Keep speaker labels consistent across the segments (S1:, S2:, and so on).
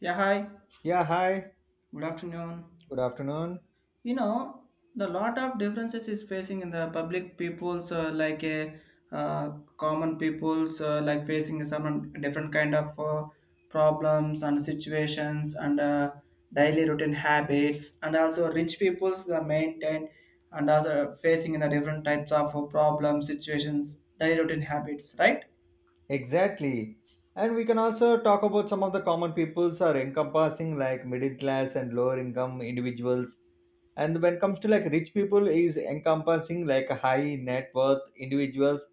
S1: Yeah, hi.
S2: Yeah, hi.
S1: Good afternoon.
S2: Good afternoon.
S1: You know, the lot of differences is facing in the public peoples like a uh, common peoples like facing some different kind of problems and situations and daily routine habits, and also rich peoples the maintain and also facing in the different types of problems situations daily routine habits, right?
S2: Exactly. And we can also talk about some of the common peoples are encompassing like middle class and lower income individuals. And when it comes to like rich people is encompassing like high net worth individuals,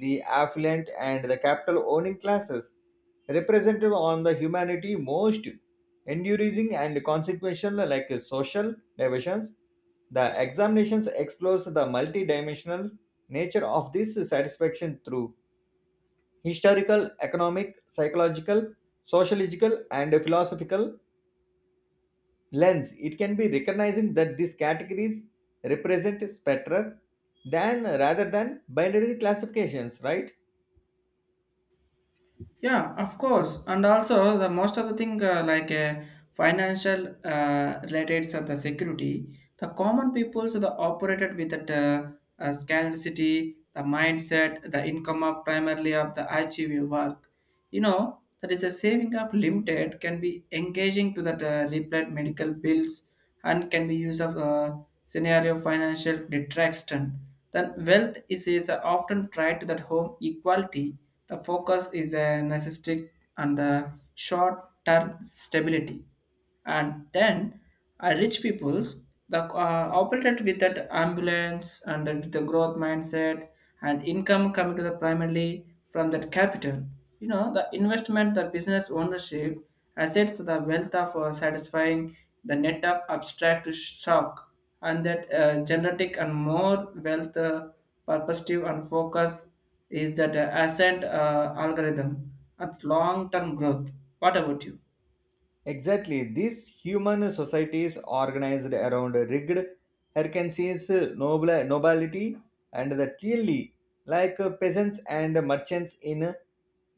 S2: the affluent and the capital owning classes, represented on the humanity most enduring and consequential like social divisions. The examinations explores the multidimensional nature of this satisfaction through historical, economic, psychological, sociological, and philosophical lens, it can be recognizing that these categories represent spectra than rather than binary classifications, right?
S1: Yeah, of course. And also the most of the thing like financial related to the security, the common peoples are the operated with that scarcity, the mindset, the income of primarily of the achieving work. You know that is a saving of limited can be engaging to that replied medical bills and can be used of a scenario financial detraction. Then wealth is often tied to that home equality. The focus is a narcissistic and the short-term stability. And then rich peoples the operated with that ambulance and then with the growth mindset, and income coming to the primarily from that capital. You know, the investment, the business ownership assets, the wealth of satisfying the net of abstract shock, and that genetic and more wealth perspective and focus is that ascent algorithm at long term growth. What about you?
S2: Exactly. These human societies organized around rigged Hercules, noble, nobility, and the clearly like peasants and merchants in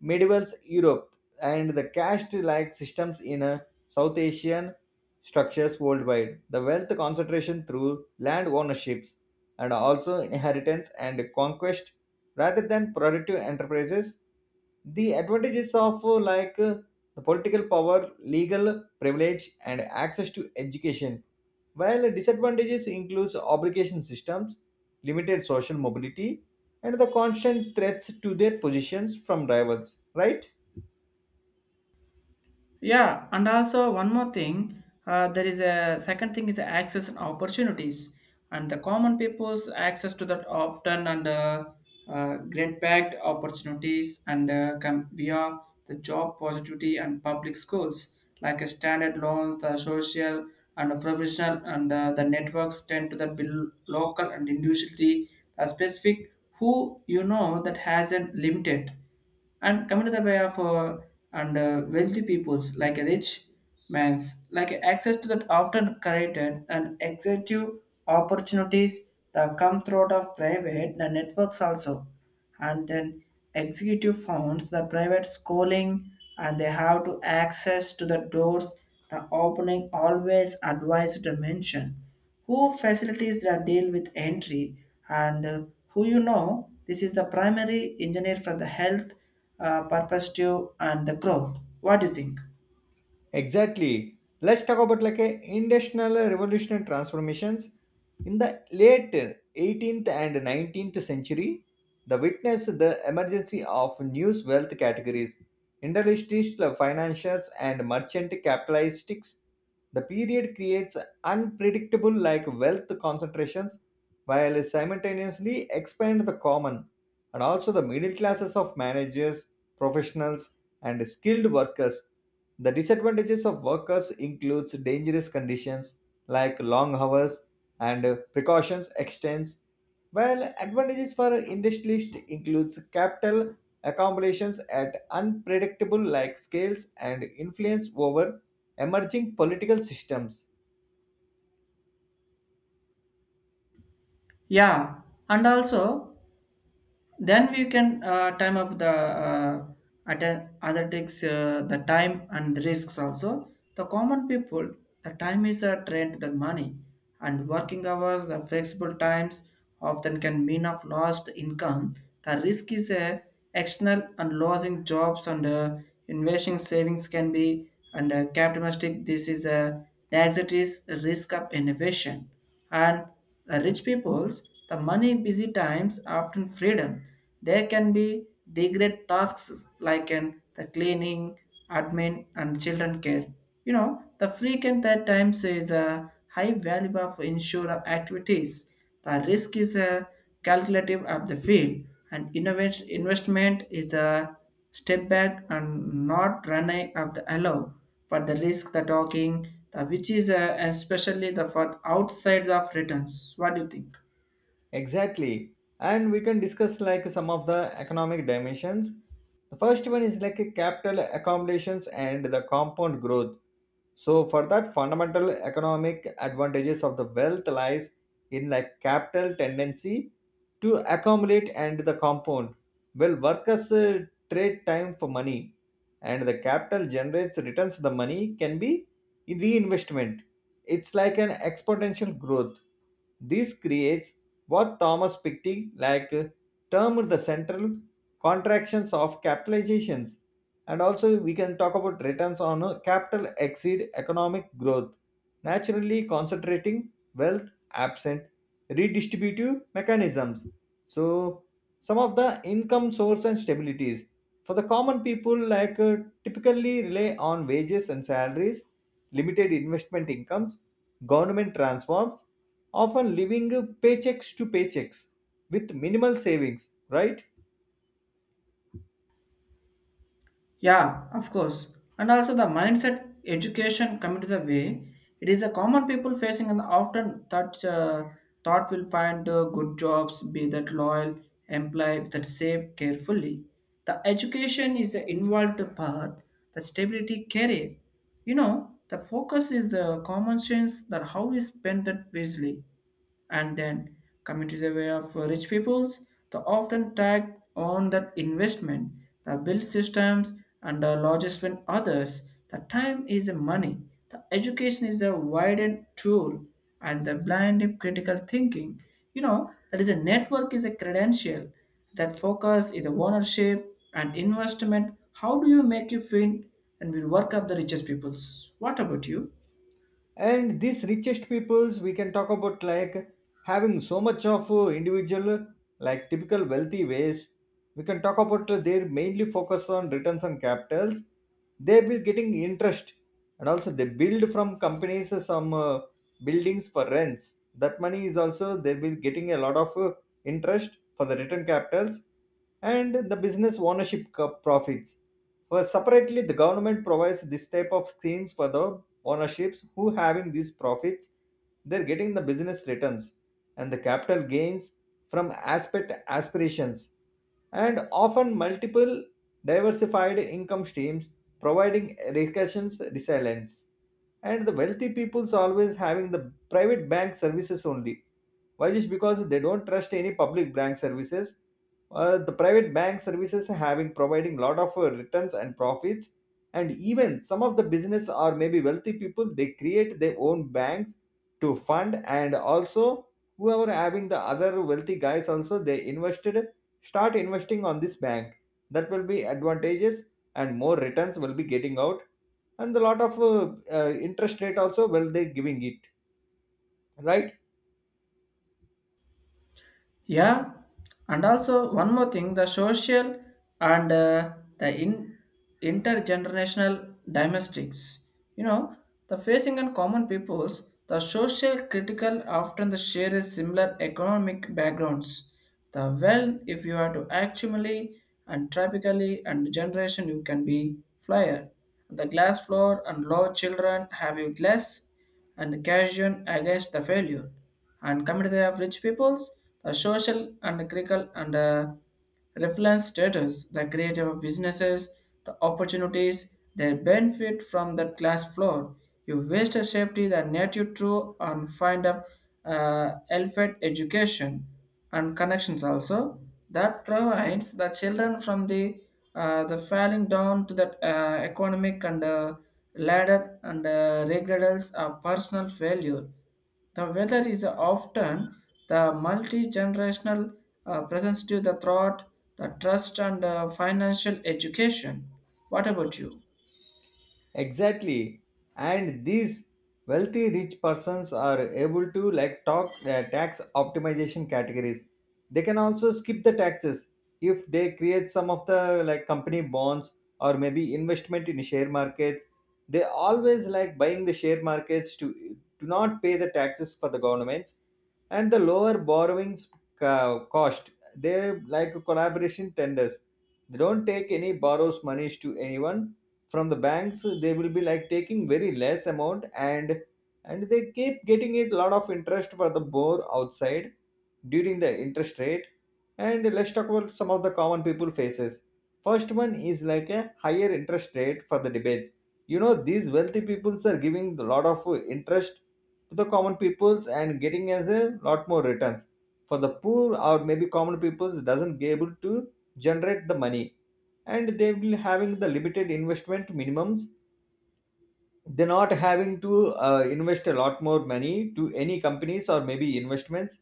S2: medieval Europe and the caste like systems in South Asian structures worldwide. The wealth concentration through land ownerships and also inheritance and conquest rather than productive enterprises the advantages of like the political power, legal privilege, and access to education, while disadvantages includes obligation systems, limited social mobility, and the constant threats to their positions from rivals, right?
S1: Yeah, and also one more thing, there is a second thing is access and opportunities, and the common people's access to that often and great packed opportunities and come via the job positivity and public schools like a standard loans, the social and professional and the networks tend to the bill local and individually the specific who you know that hasn't limited and coming to the way of and wealthy peoples like a rich man's like access to that often created and executive opportunities that come throughout of private the networks also, and then executive funds the private schooling, and they have to access to the doors the opening always advised to mention who facilities that deal with entry and who you know this is the primary engineer for the health perspective and the growth. What do you think?
S2: Exactly. Let's talk about like a industrial revolutionary transformations in the late 18th and 19th century. The witness the emergency of new wealth categories, industrial financiers and merchant capitalists. The period creates unpredictable like wealth concentrations while simultaneously expand the common and also the middle classes of managers, professionals and skilled workers. The disadvantages of workers includes dangerous conditions like long hours and precautions extends, while advantages for industrialists includes capital accumulations at unpredictable like scales and influence over emerging political systems.
S1: Yeah, and also, then we can time up the other takes the time and the risks also. The common people, the time is a trade than money, and working hours, the flexible times often can mean of lost income. The risk is a external and losing jobs and investing savings can be and capitalistic. This is a anxiety is risk of innovation, and the rich peoples, the money busy times often freedom. There can be degrade tasks like an, the cleaning, admin, and children care. You know, the frequent that times is a high value of insurance activities. The risk is a calculative of the field, and innovation investment is a step back and not run a- of the allow for the risk the talking the which is especially the for outside of returns. What do you think?
S2: Exactly. And we can discuss like some of the economic dimensions. The first one is like a capital accumulations and the compound growth. So for that fundamental economic advantages of the wealth lies in like capital tendency to accumulate and the compound. Well, workers trade time for money and the capital generates returns the money can be in reinvestment. It's like an exponential growth. This creates what Thomas Piketty like termed the central contractions of capitalizations and also we can talk about returns on capital exceed economic growth naturally concentrating wealth absent redistributive mechanisms. So some of the income source and stabilities for the common people like typically rely on wages and salaries, limited investment incomes, government transforms, often living paychecks to paychecks with minimal savings, right?
S1: Yeah, of course. And also the mindset education coming to the way, it is a common people facing and often that thought will find good jobs, be that loyal, employee that save carefully. The education is the involved path, the stability career. You know, the focus is the common sense that how we spend that wisely, and then coming to the way of rich peoples, they often tag on that investment, the build systems, and the largest when others, the time is the money, the education is a widened tool, and the blind of critical thinking. You know, that is a network is a credential, that focus is the ownership and investment. How do you make you feel, and will work up the richest peoples? What about you?
S2: And these richest peoples we can talk about like having so much of individual like typical wealthy ways. We can talk about they mainly focus on returns on capitals. They will getting interest, and also they build from companies some buildings for rents that money is also they will getting a lot of interest for the return capitals and the business ownership profits. Well, separately, the government provides this type of schemes for the ownerships who having these profits. They're getting the business returns and the capital gains from aspect aspirations, and often multiple diversified income streams providing recessions resilience. And the wealthy people's always having the private bank services only. Why? Just because they don't trust any public bank services. Uh, the private bank services having providing lot of returns and profits, and even some of the business or maybe wealthy people they create their own banks to fund. And also whoever having the other wealthy guys also they invested, start investing on this bank. That will be advantages and more returns will be getting out, and a lot of interest rate also will they giving it, right?
S1: Yeah, and also one more thing, the social and intergenerational domestics. You know, the facing and common peoples, the social critical often the share a similar economic backgrounds. The wealth, if you are to actually and typically and generation, you can be flyer. The glass floor and low children have you less and casual against the failure. And coming to the rich peoples, the social and critical and reference status, the creative of businesses, the opportunities they benefit from the class floor. You waste a safety, the native true and find of elfed education and connections also, that provides the children from the falling down to that economic and ladder and regretals of personal failure, the weather is often the multi-generational presence to the thought, the trust and financial education. What about you?
S2: Exactly. And these wealthy rich persons are able to like talk tax optimization categories. They can also skip the taxes if they create some of the like company bonds or maybe investment in share markets. They always like buying the share markets to not pay the taxes for the governments and the lower borrowings cost. They like collaboration tenders. They don't take any borrows monies to anyone. From the banks they will be like taking very less amount, and and they keep getting a lot of interest for the more outside during the interest rate. And let's talk about some of the common people faces. First one is like a higher interest rate for the debates. You know, these wealthy peoples are giving a lot of interest to the common peoples and getting as a lot more returns, for the poor or maybe common peoples doesn't be able to generate the money. And they will having the limited investment minimums. They're not having to invest a lot more money to any companies or maybe investments,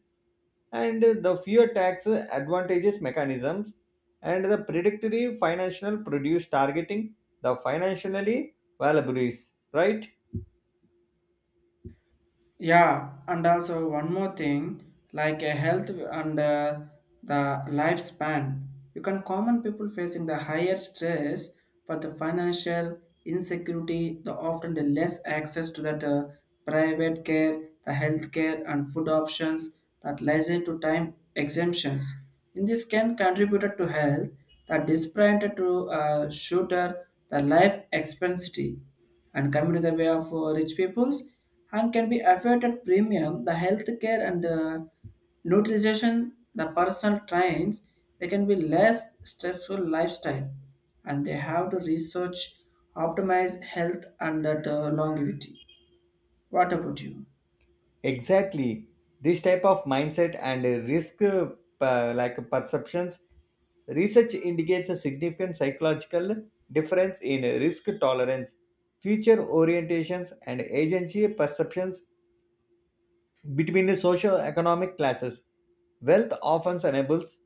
S2: and the fewer tax advantages mechanisms, and the predictory financial produce targeting the financially valuable is, right?
S1: Yeah, and also one more thing, like a health and the lifespan. You can common people facing the higher stress for the financial insecurity, the often the less access to that private care, the health care and food options that leisure to time exemptions. In this can contribute to health, the disparate to shooter, the life expectancy, and coming to the way of rich peoples and can be afforded premium the healthcare and nutrition, the personal trains, they can be less stressful lifestyle, and they have to research optimize health and that longevity. What about you?
S2: Exactly. This type of mindset and risk like perceptions. Research indicates a significant psychological difference in risk tolerance, future orientations, and agency perceptions between the socioeconomic classes. Wealth often enables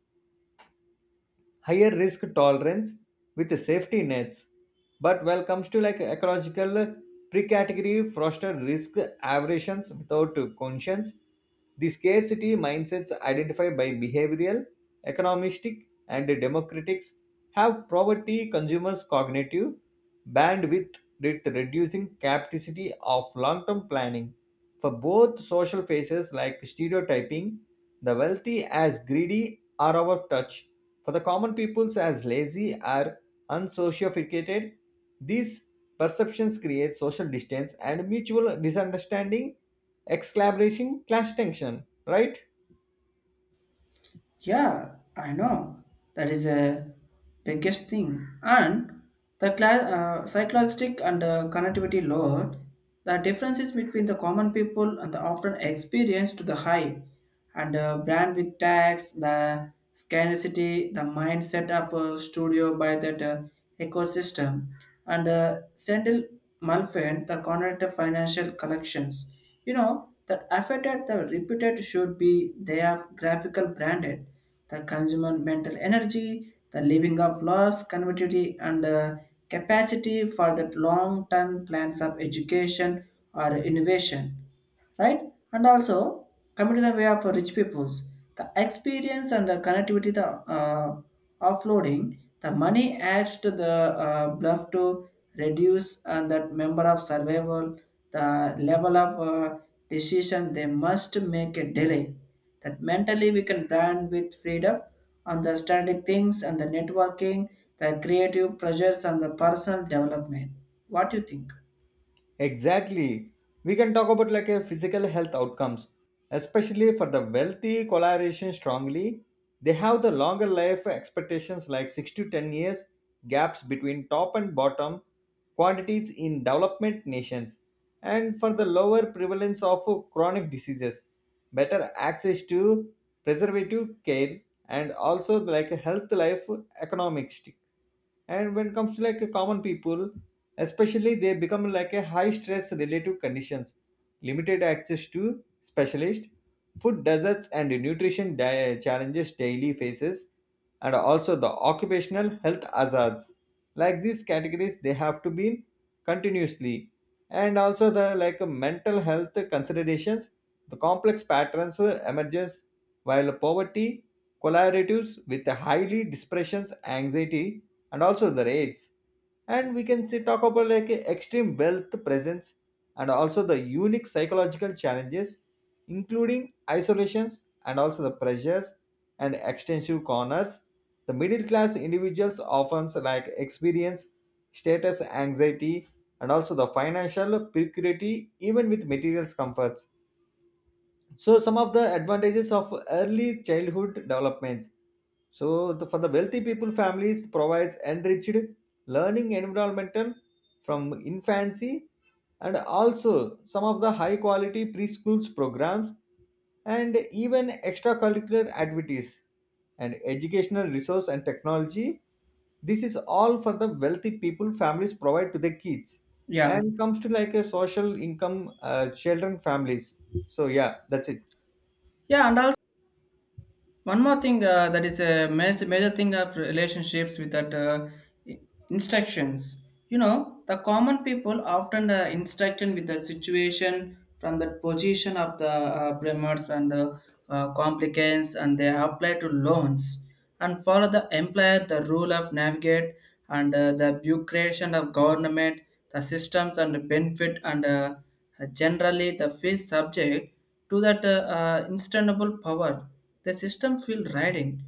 S2: higher risk tolerance with safety nets. But when it comes to like ecological pre-category foster risk aversions without conscience, the scarcity mindsets identified by behavioral, economistic, and democratics have poverty consumers' cognitive bandwidth with reducing capacity of long-term planning. For both social faces like stereotyping, the wealthy as greedy are out of touch for the common peoples as lazy or unsociated, these perceptions create social distance and mutual misunderstanding, exclamation, clash tension, right?
S1: Yeah, I know. That is a biggest thing. And the cla- psychological and connectivity load, the differences between the common people and the often experience to the high and brand with tax, the scarcity, the mindset of a studio by that ecosystem and Sandil Malfin, the connected financial collections. You know, that affected the repeated should be they have graphical branded, the consumer mental energy, the living of loss, convertibility, and capacity for the long-term plans of education or innovation, right? And also coming to the way of rich peoples, the experience and the connectivity, the offloading, the money adds to the bluff to reduce and that member of survival, the level of decision they must make a delay. That mentally we can brand with freedom on the static things and the networking, the creative pressures and the personal development. What do you think?
S2: Exactly. We can talk about like a physical health outcomes, especially for the wealthy collaboration strongly. They have the longer life expectations like 6 to 10 years gaps between top and bottom quantities in development nations, and for the lower prevalence of chronic diseases, better access to preservative care, and also like a health life economics. And when it comes to like a common people, especially they become like a high stress relative conditions, limited access to specialist, food deserts and nutrition challenges daily faces, and also the occupational health hazards. Like these categories they have to be continuously. And also the like mental health considerations, the complex patterns emerges while poverty collaboratives with highly depressions anxiety and also the rates. And we can see talk about like extreme wealth presence and also the unique psychological challenges including isolations and also the pressures and extensive corners. The middle class individuals often like experience status anxiety and also the financial precarity even with materials comforts. So some of the advantages of early childhood developments. So the, for the wealthy people, families provides enriched learning environmental from infancy, and also some of the high quality preschools programs, and even extracurricular activities and educational resource and technology. This is all for the wealthy people families provide to their kids.
S1: Yeah.
S2: And comes to like a social income children families. So yeah, that's it.
S1: Yeah, and also one more thing that is a major, major thing of relationships with that i- instructions. You know, the common people often instructed with the situation from the position of the primers and the complications, and they apply to loans and follow the employer the rule of navigate and the bureaucracy of government, the systems and the benefit and generally the field subject to that instantable power. The system feel riding.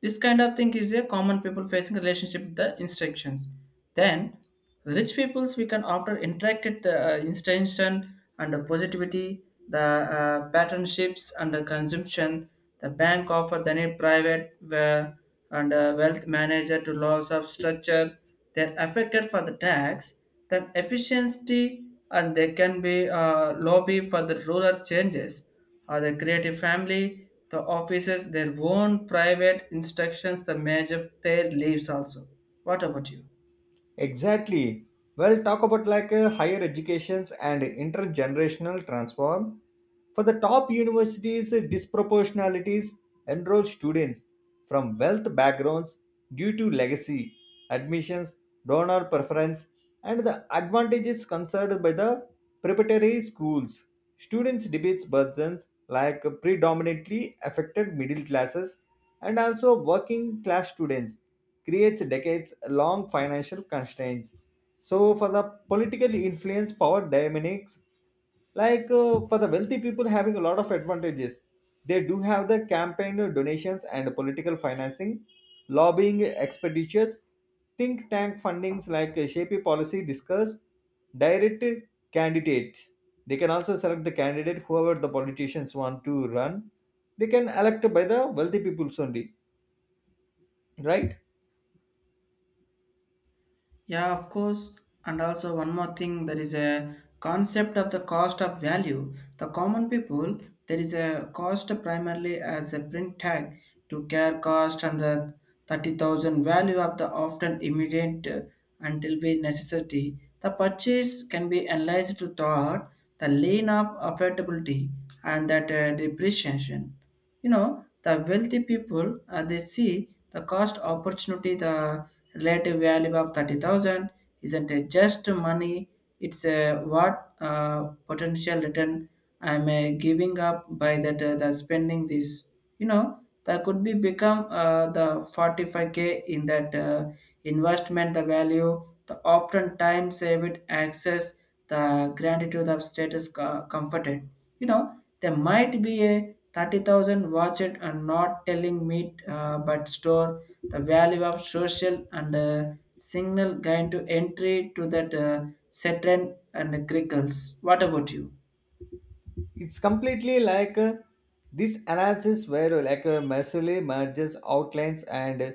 S1: This kind of thing is a common people facing relationship with the instructions. Then, rich peoples we can often interact with the instruction and the positivity, the paternships and the consumption. The bank offer then a private and wealth manager to loss of structure. They're affected for the tax, then efficiency, and they can be lobby for the rural changes or the creative family, the offices, their own private instructions, the major of their lives also. What about you?
S2: Exactly. Well, talk about like higher educations and intergenerational transform. For the top universities, disproportionalities enroll students from wealth backgrounds due to legacy, admissions, donor preference, and the advantages concerned by the preparatory schools. Students debates burdens like predominantly affected middle classes and also working class students creates decades-long financial constraints. So for the political influence power dynamics, like for the wealthy people having a lot of advantages, they do have the campaign donations and political financing, lobbying expenditures, think tank fundings like shape policy discuss, direct candidates. They can also select the candidate whoever the politicians want to run. They can elect by the wealthy peoples only, right?
S1: Yeah, of course. And also, one more thing, there is a concept of the cost of value. The common people, there is a cost primarily as a print tag to care cost and the 30,000 value of the often immediate until be necessity. The purchase can be analyzed to thought the lane of affordability and that depreciation. You know, the wealthy people, they see the cost opportunity, the relative value of 30,000 isn't a just money, it's a what potential return I'm giving up by that the spending this. You know, that could be become the 45k in that investment the value, the often time saved access, the gratitude of comforted. You know, there might be a 30,000 watch it and not telling me but store the value of social and signal guide to entry to that certain and crickles. What about you?
S2: It's completely like this analysis where like massively merges outlines and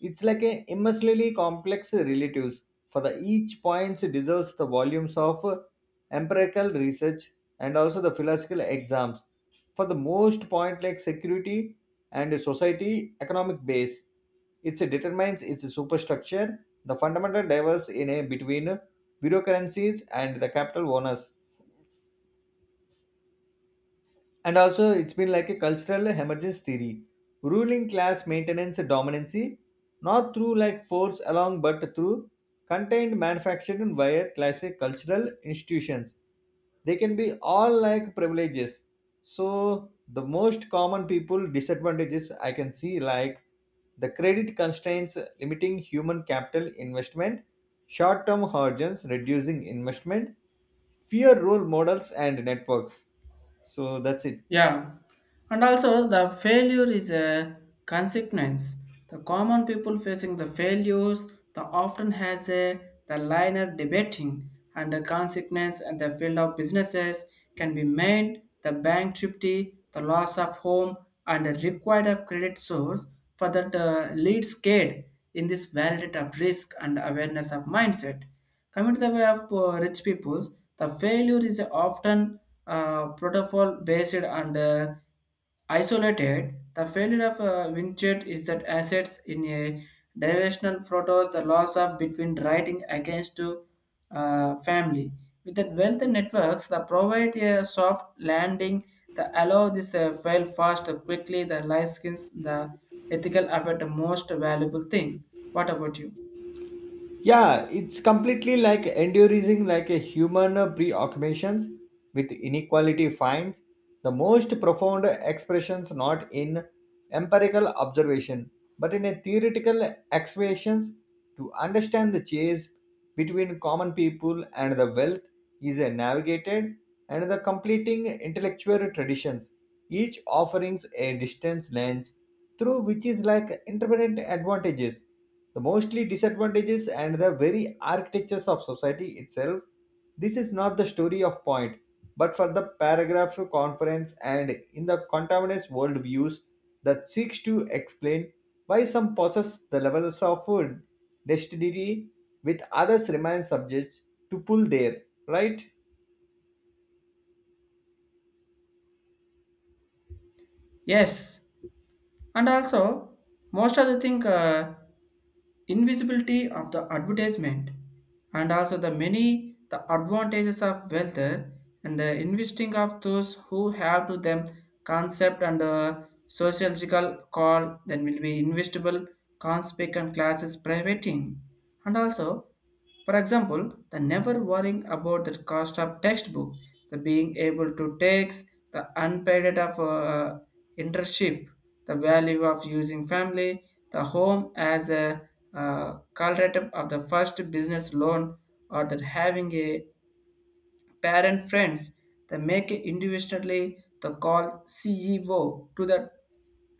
S2: it's like a immensely complex relatives for the each points deserves the volumes of empirical research and also the philosophical exams for the most point like security and society economic base, it determines its superstructure, the fundamental diverse in a between bureaucracies and the capital owners. And also, it's been like a cultural emergence theory, ruling class maintenance dominancy, not through like force along, but through contained manufacturing via classic cultural institutions. They can be all like privileges. So, the most common people disadvantages I can see like the credit constraints limiting human capital investment, short term horizons reducing investment, fear role models and networks. So that's it.
S1: Yeah, and also the failure is a consequence. The common people facing the failures, the often has a the liner debating and the consequence and the field of businesses can be made the bankruptcy, the loss of home, and the required of credit source for that lead scared in this validate of risk and awareness of mindset. Coming to the way of rich peoples, the failure is often protocol based and isolated. The failure of Winchett is that assets in a diversional photos, the loss of between writing against to family. With the wealth networks, the provide a soft landing that allow this fail fast quickly. The light skins, the ethical effort, the most valuable thing. What about you?
S2: Yeah, it's completely like enduring like a human preoccupations with inequality finds the most profound expressions not in empirical observation but in a theoretical excavations to understand the chase between common people and the wealth is a navigated and the completing intellectual traditions, each offerings a distance lens through which is like intermittent advantages, the mostly disadvantages and the very architectures of society itself. This is not the story of point but for the paragraphs of conference and in the contaminants worldviews that seeks to explain why some possess the levels of food destiny with others remain subject to pull there, right?
S1: Yes. And also most of the thing invisibility of the advertisement and also the many the advantages of wealth and the investing of those who have to them concept and sociological call then will be investable conspicuous classes privating and also, for example, the never worrying about the cost of textbook, the being able to tax the unpaid of internship, the value of using family, the home as a correlative of the first business loan, or that having a parent friends they make individually the call CEO to the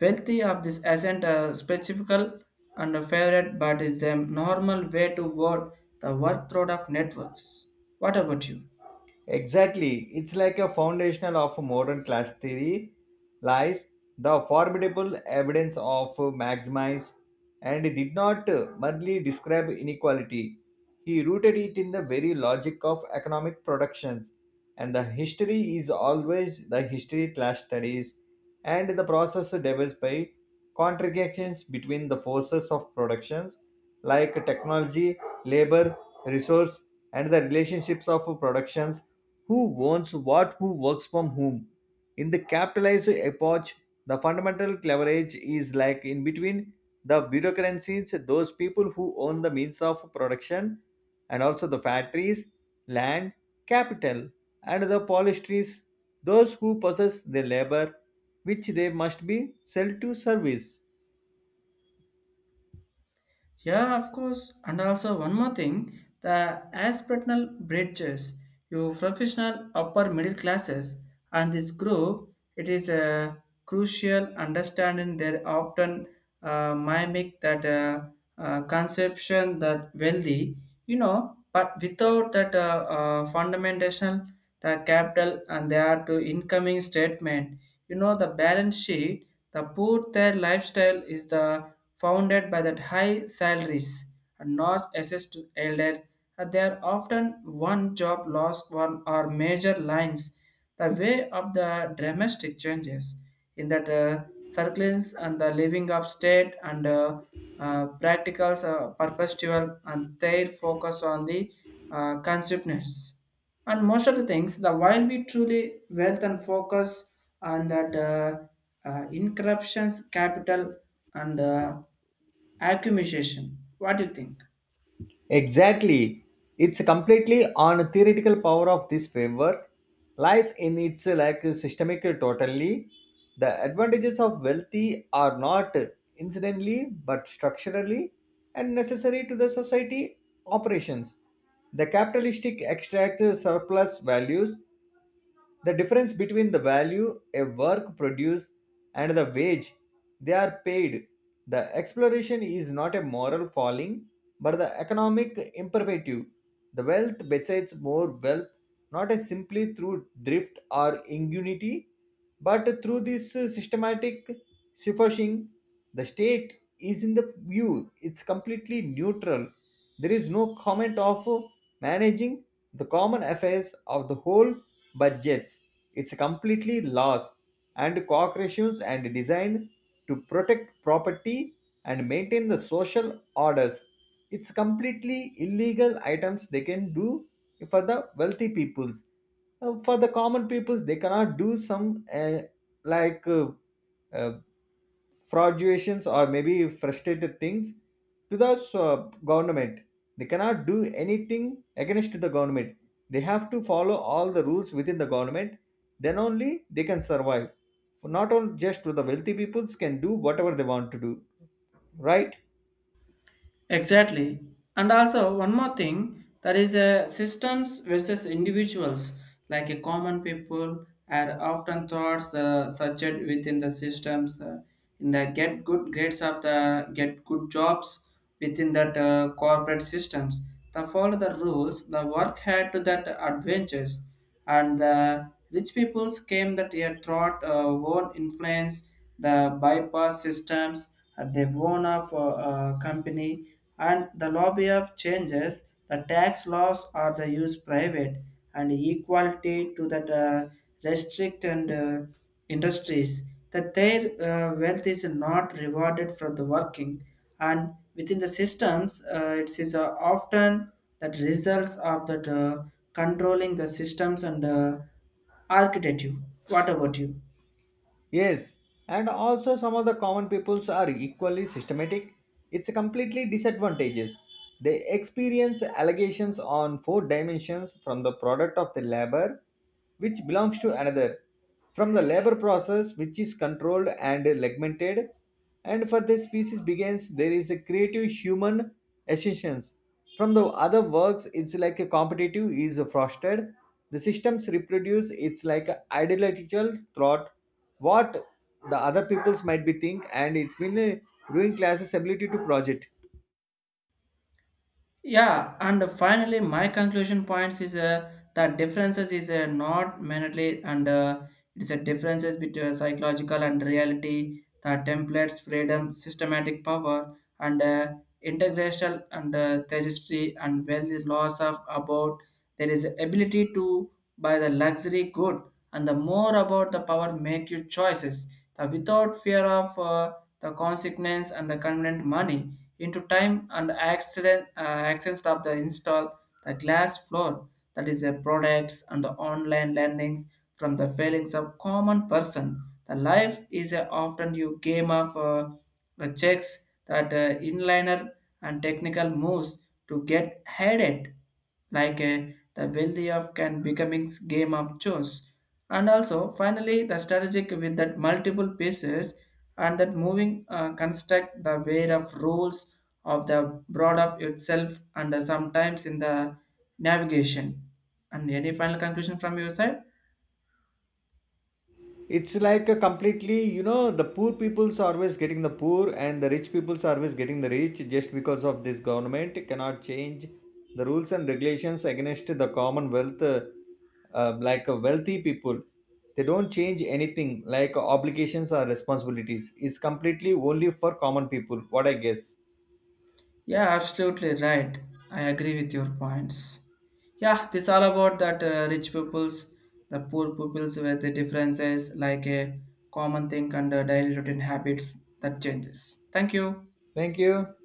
S1: wealthy of this isn't a specific and a favorite but is the normal way to word the workload of networks. What about you?
S2: Exactly. It's like a foundational of modern class theory lies the formidable evidence of Maximize, and he did not merely describe inequality. He rooted it in the very logic of economic productions. And the history is always the history class studies and the process developed by contradictions between the forces of productions like technology, labor, resource, and the relationships of productions, who owns what, who works from whom? In the capitalist epoch, the fundamental leverage is like in between the bureaucracies, those people who own the means of production, and also the factories, land, capital, and the polistries, those who possess the labor which they must be sell to service.
S1: Yeah, of course. And also one more thing, the aspirational bridges, you professional upper middle classes, and this group, it is a crucial understanding. They often mimic that conception that wealthy, you know, but without that fundamental, the capital and they are to incoming statement, you know, the balance sheet, the poor their lifestyle is the founded by that high salaries and not access to elder, and they are often one job loss one or major lines the way of the dramatic changes in that circles and the living of state and practicals perpetual and their focus on the consumers and most of the things the while we truly wealth and focus on that incorruptions capital and accumulation. What do you think?
S2: Exactly. It's completely on theoretical power of this framework lies in its like systemic totally. The advantages of wealthy are not incidentally but structurally and necessary to the society operations. The capitalistic extract surplus values, the difference between the value a work produces and the wage they are paid. The exploration is not a moral falling, but the economic imperative. The wealth besides more wealth not as simply through drift or ingenuity, but through this systematic siphishing. The state is in the view, it's completely neutral. There is no comment of managing the common affairs of the whole budgets. It's completely laws and corporations and designed to protect property and maintain the social orders. It's completely illegal items they can do for the wealthy peoples. For the common peoples they cannot do some uh, like uh, uh, fraudulations or maybe frustrated things to the uh, government. They cannot do anything against the government. They have to follow all the rules within the government, then only they can survive. For not only just to the wealthy peoples can do whatever they want to do, right?
S1: Exactly. And also, one more thing that is a systems versus individuals, like a common people are often thoughts subject within the systems in the get good grades of the get good jobs within that corporate systems. The follow the rules, the work had to that adventures and the rich peoples came that a thought won't influence the bypass systems at the own of company and the lobby of changes the tax laws are the use private and equality to that restrict and industries that their wealth is not rewarded for the working and within the systems it is often that results of that controlling the systems and architecture. What about you?
S2: Yes, and also some of the common peoples are equally systematic. It's completely disadvantageous. They experience allegations on four dimensions from the product of the labor, which belongs to another, from the labor process, which is controlled and segmented, and for the species begins, there is a creative human essence. From the other works, it's like a competitive is fostered. The systems reproduce, it's like a ideological thought what the other peoples might be think, and it's been ruining classes ability to project.
S1: Yeah, and finally, my conclusion points is that differences is not mainly and it's a differences between psychological and reality. The templates, freedom, systematic power, and integrational and majesty and wealth loss of about there is ability to by the luxury good and the more about the power make your choices the without fear of the consequence and the convenient money into time and accident access of the install the glass floor that is a products and the online landings from the failings of common person the life is a often you game of the checks that inliner and technical moves to get headed like a, the wealthy of can becoming game of chores and also finally the strategic with that multiple pieces and that moving construct the way of rules of the broad of itself and sometimes in the navigation and any final conclusion from your side.
S2: It's like a completely, you know, the poor peoples are always getting the poor and the rich peoples are always getting the rich just because of this government cannot change the rules and regulations against the commonwealth like wealthy people. They don't change anything like obligations or responsibilities. It's completely only for common people, what I guess.
S1: Yeah, absolutely right. I agree with your points. Yeah, this all about that rich peoples, the poor peoples where the differences like a common thing and daily routine habits that changes. Thank you.
S2: Thank you.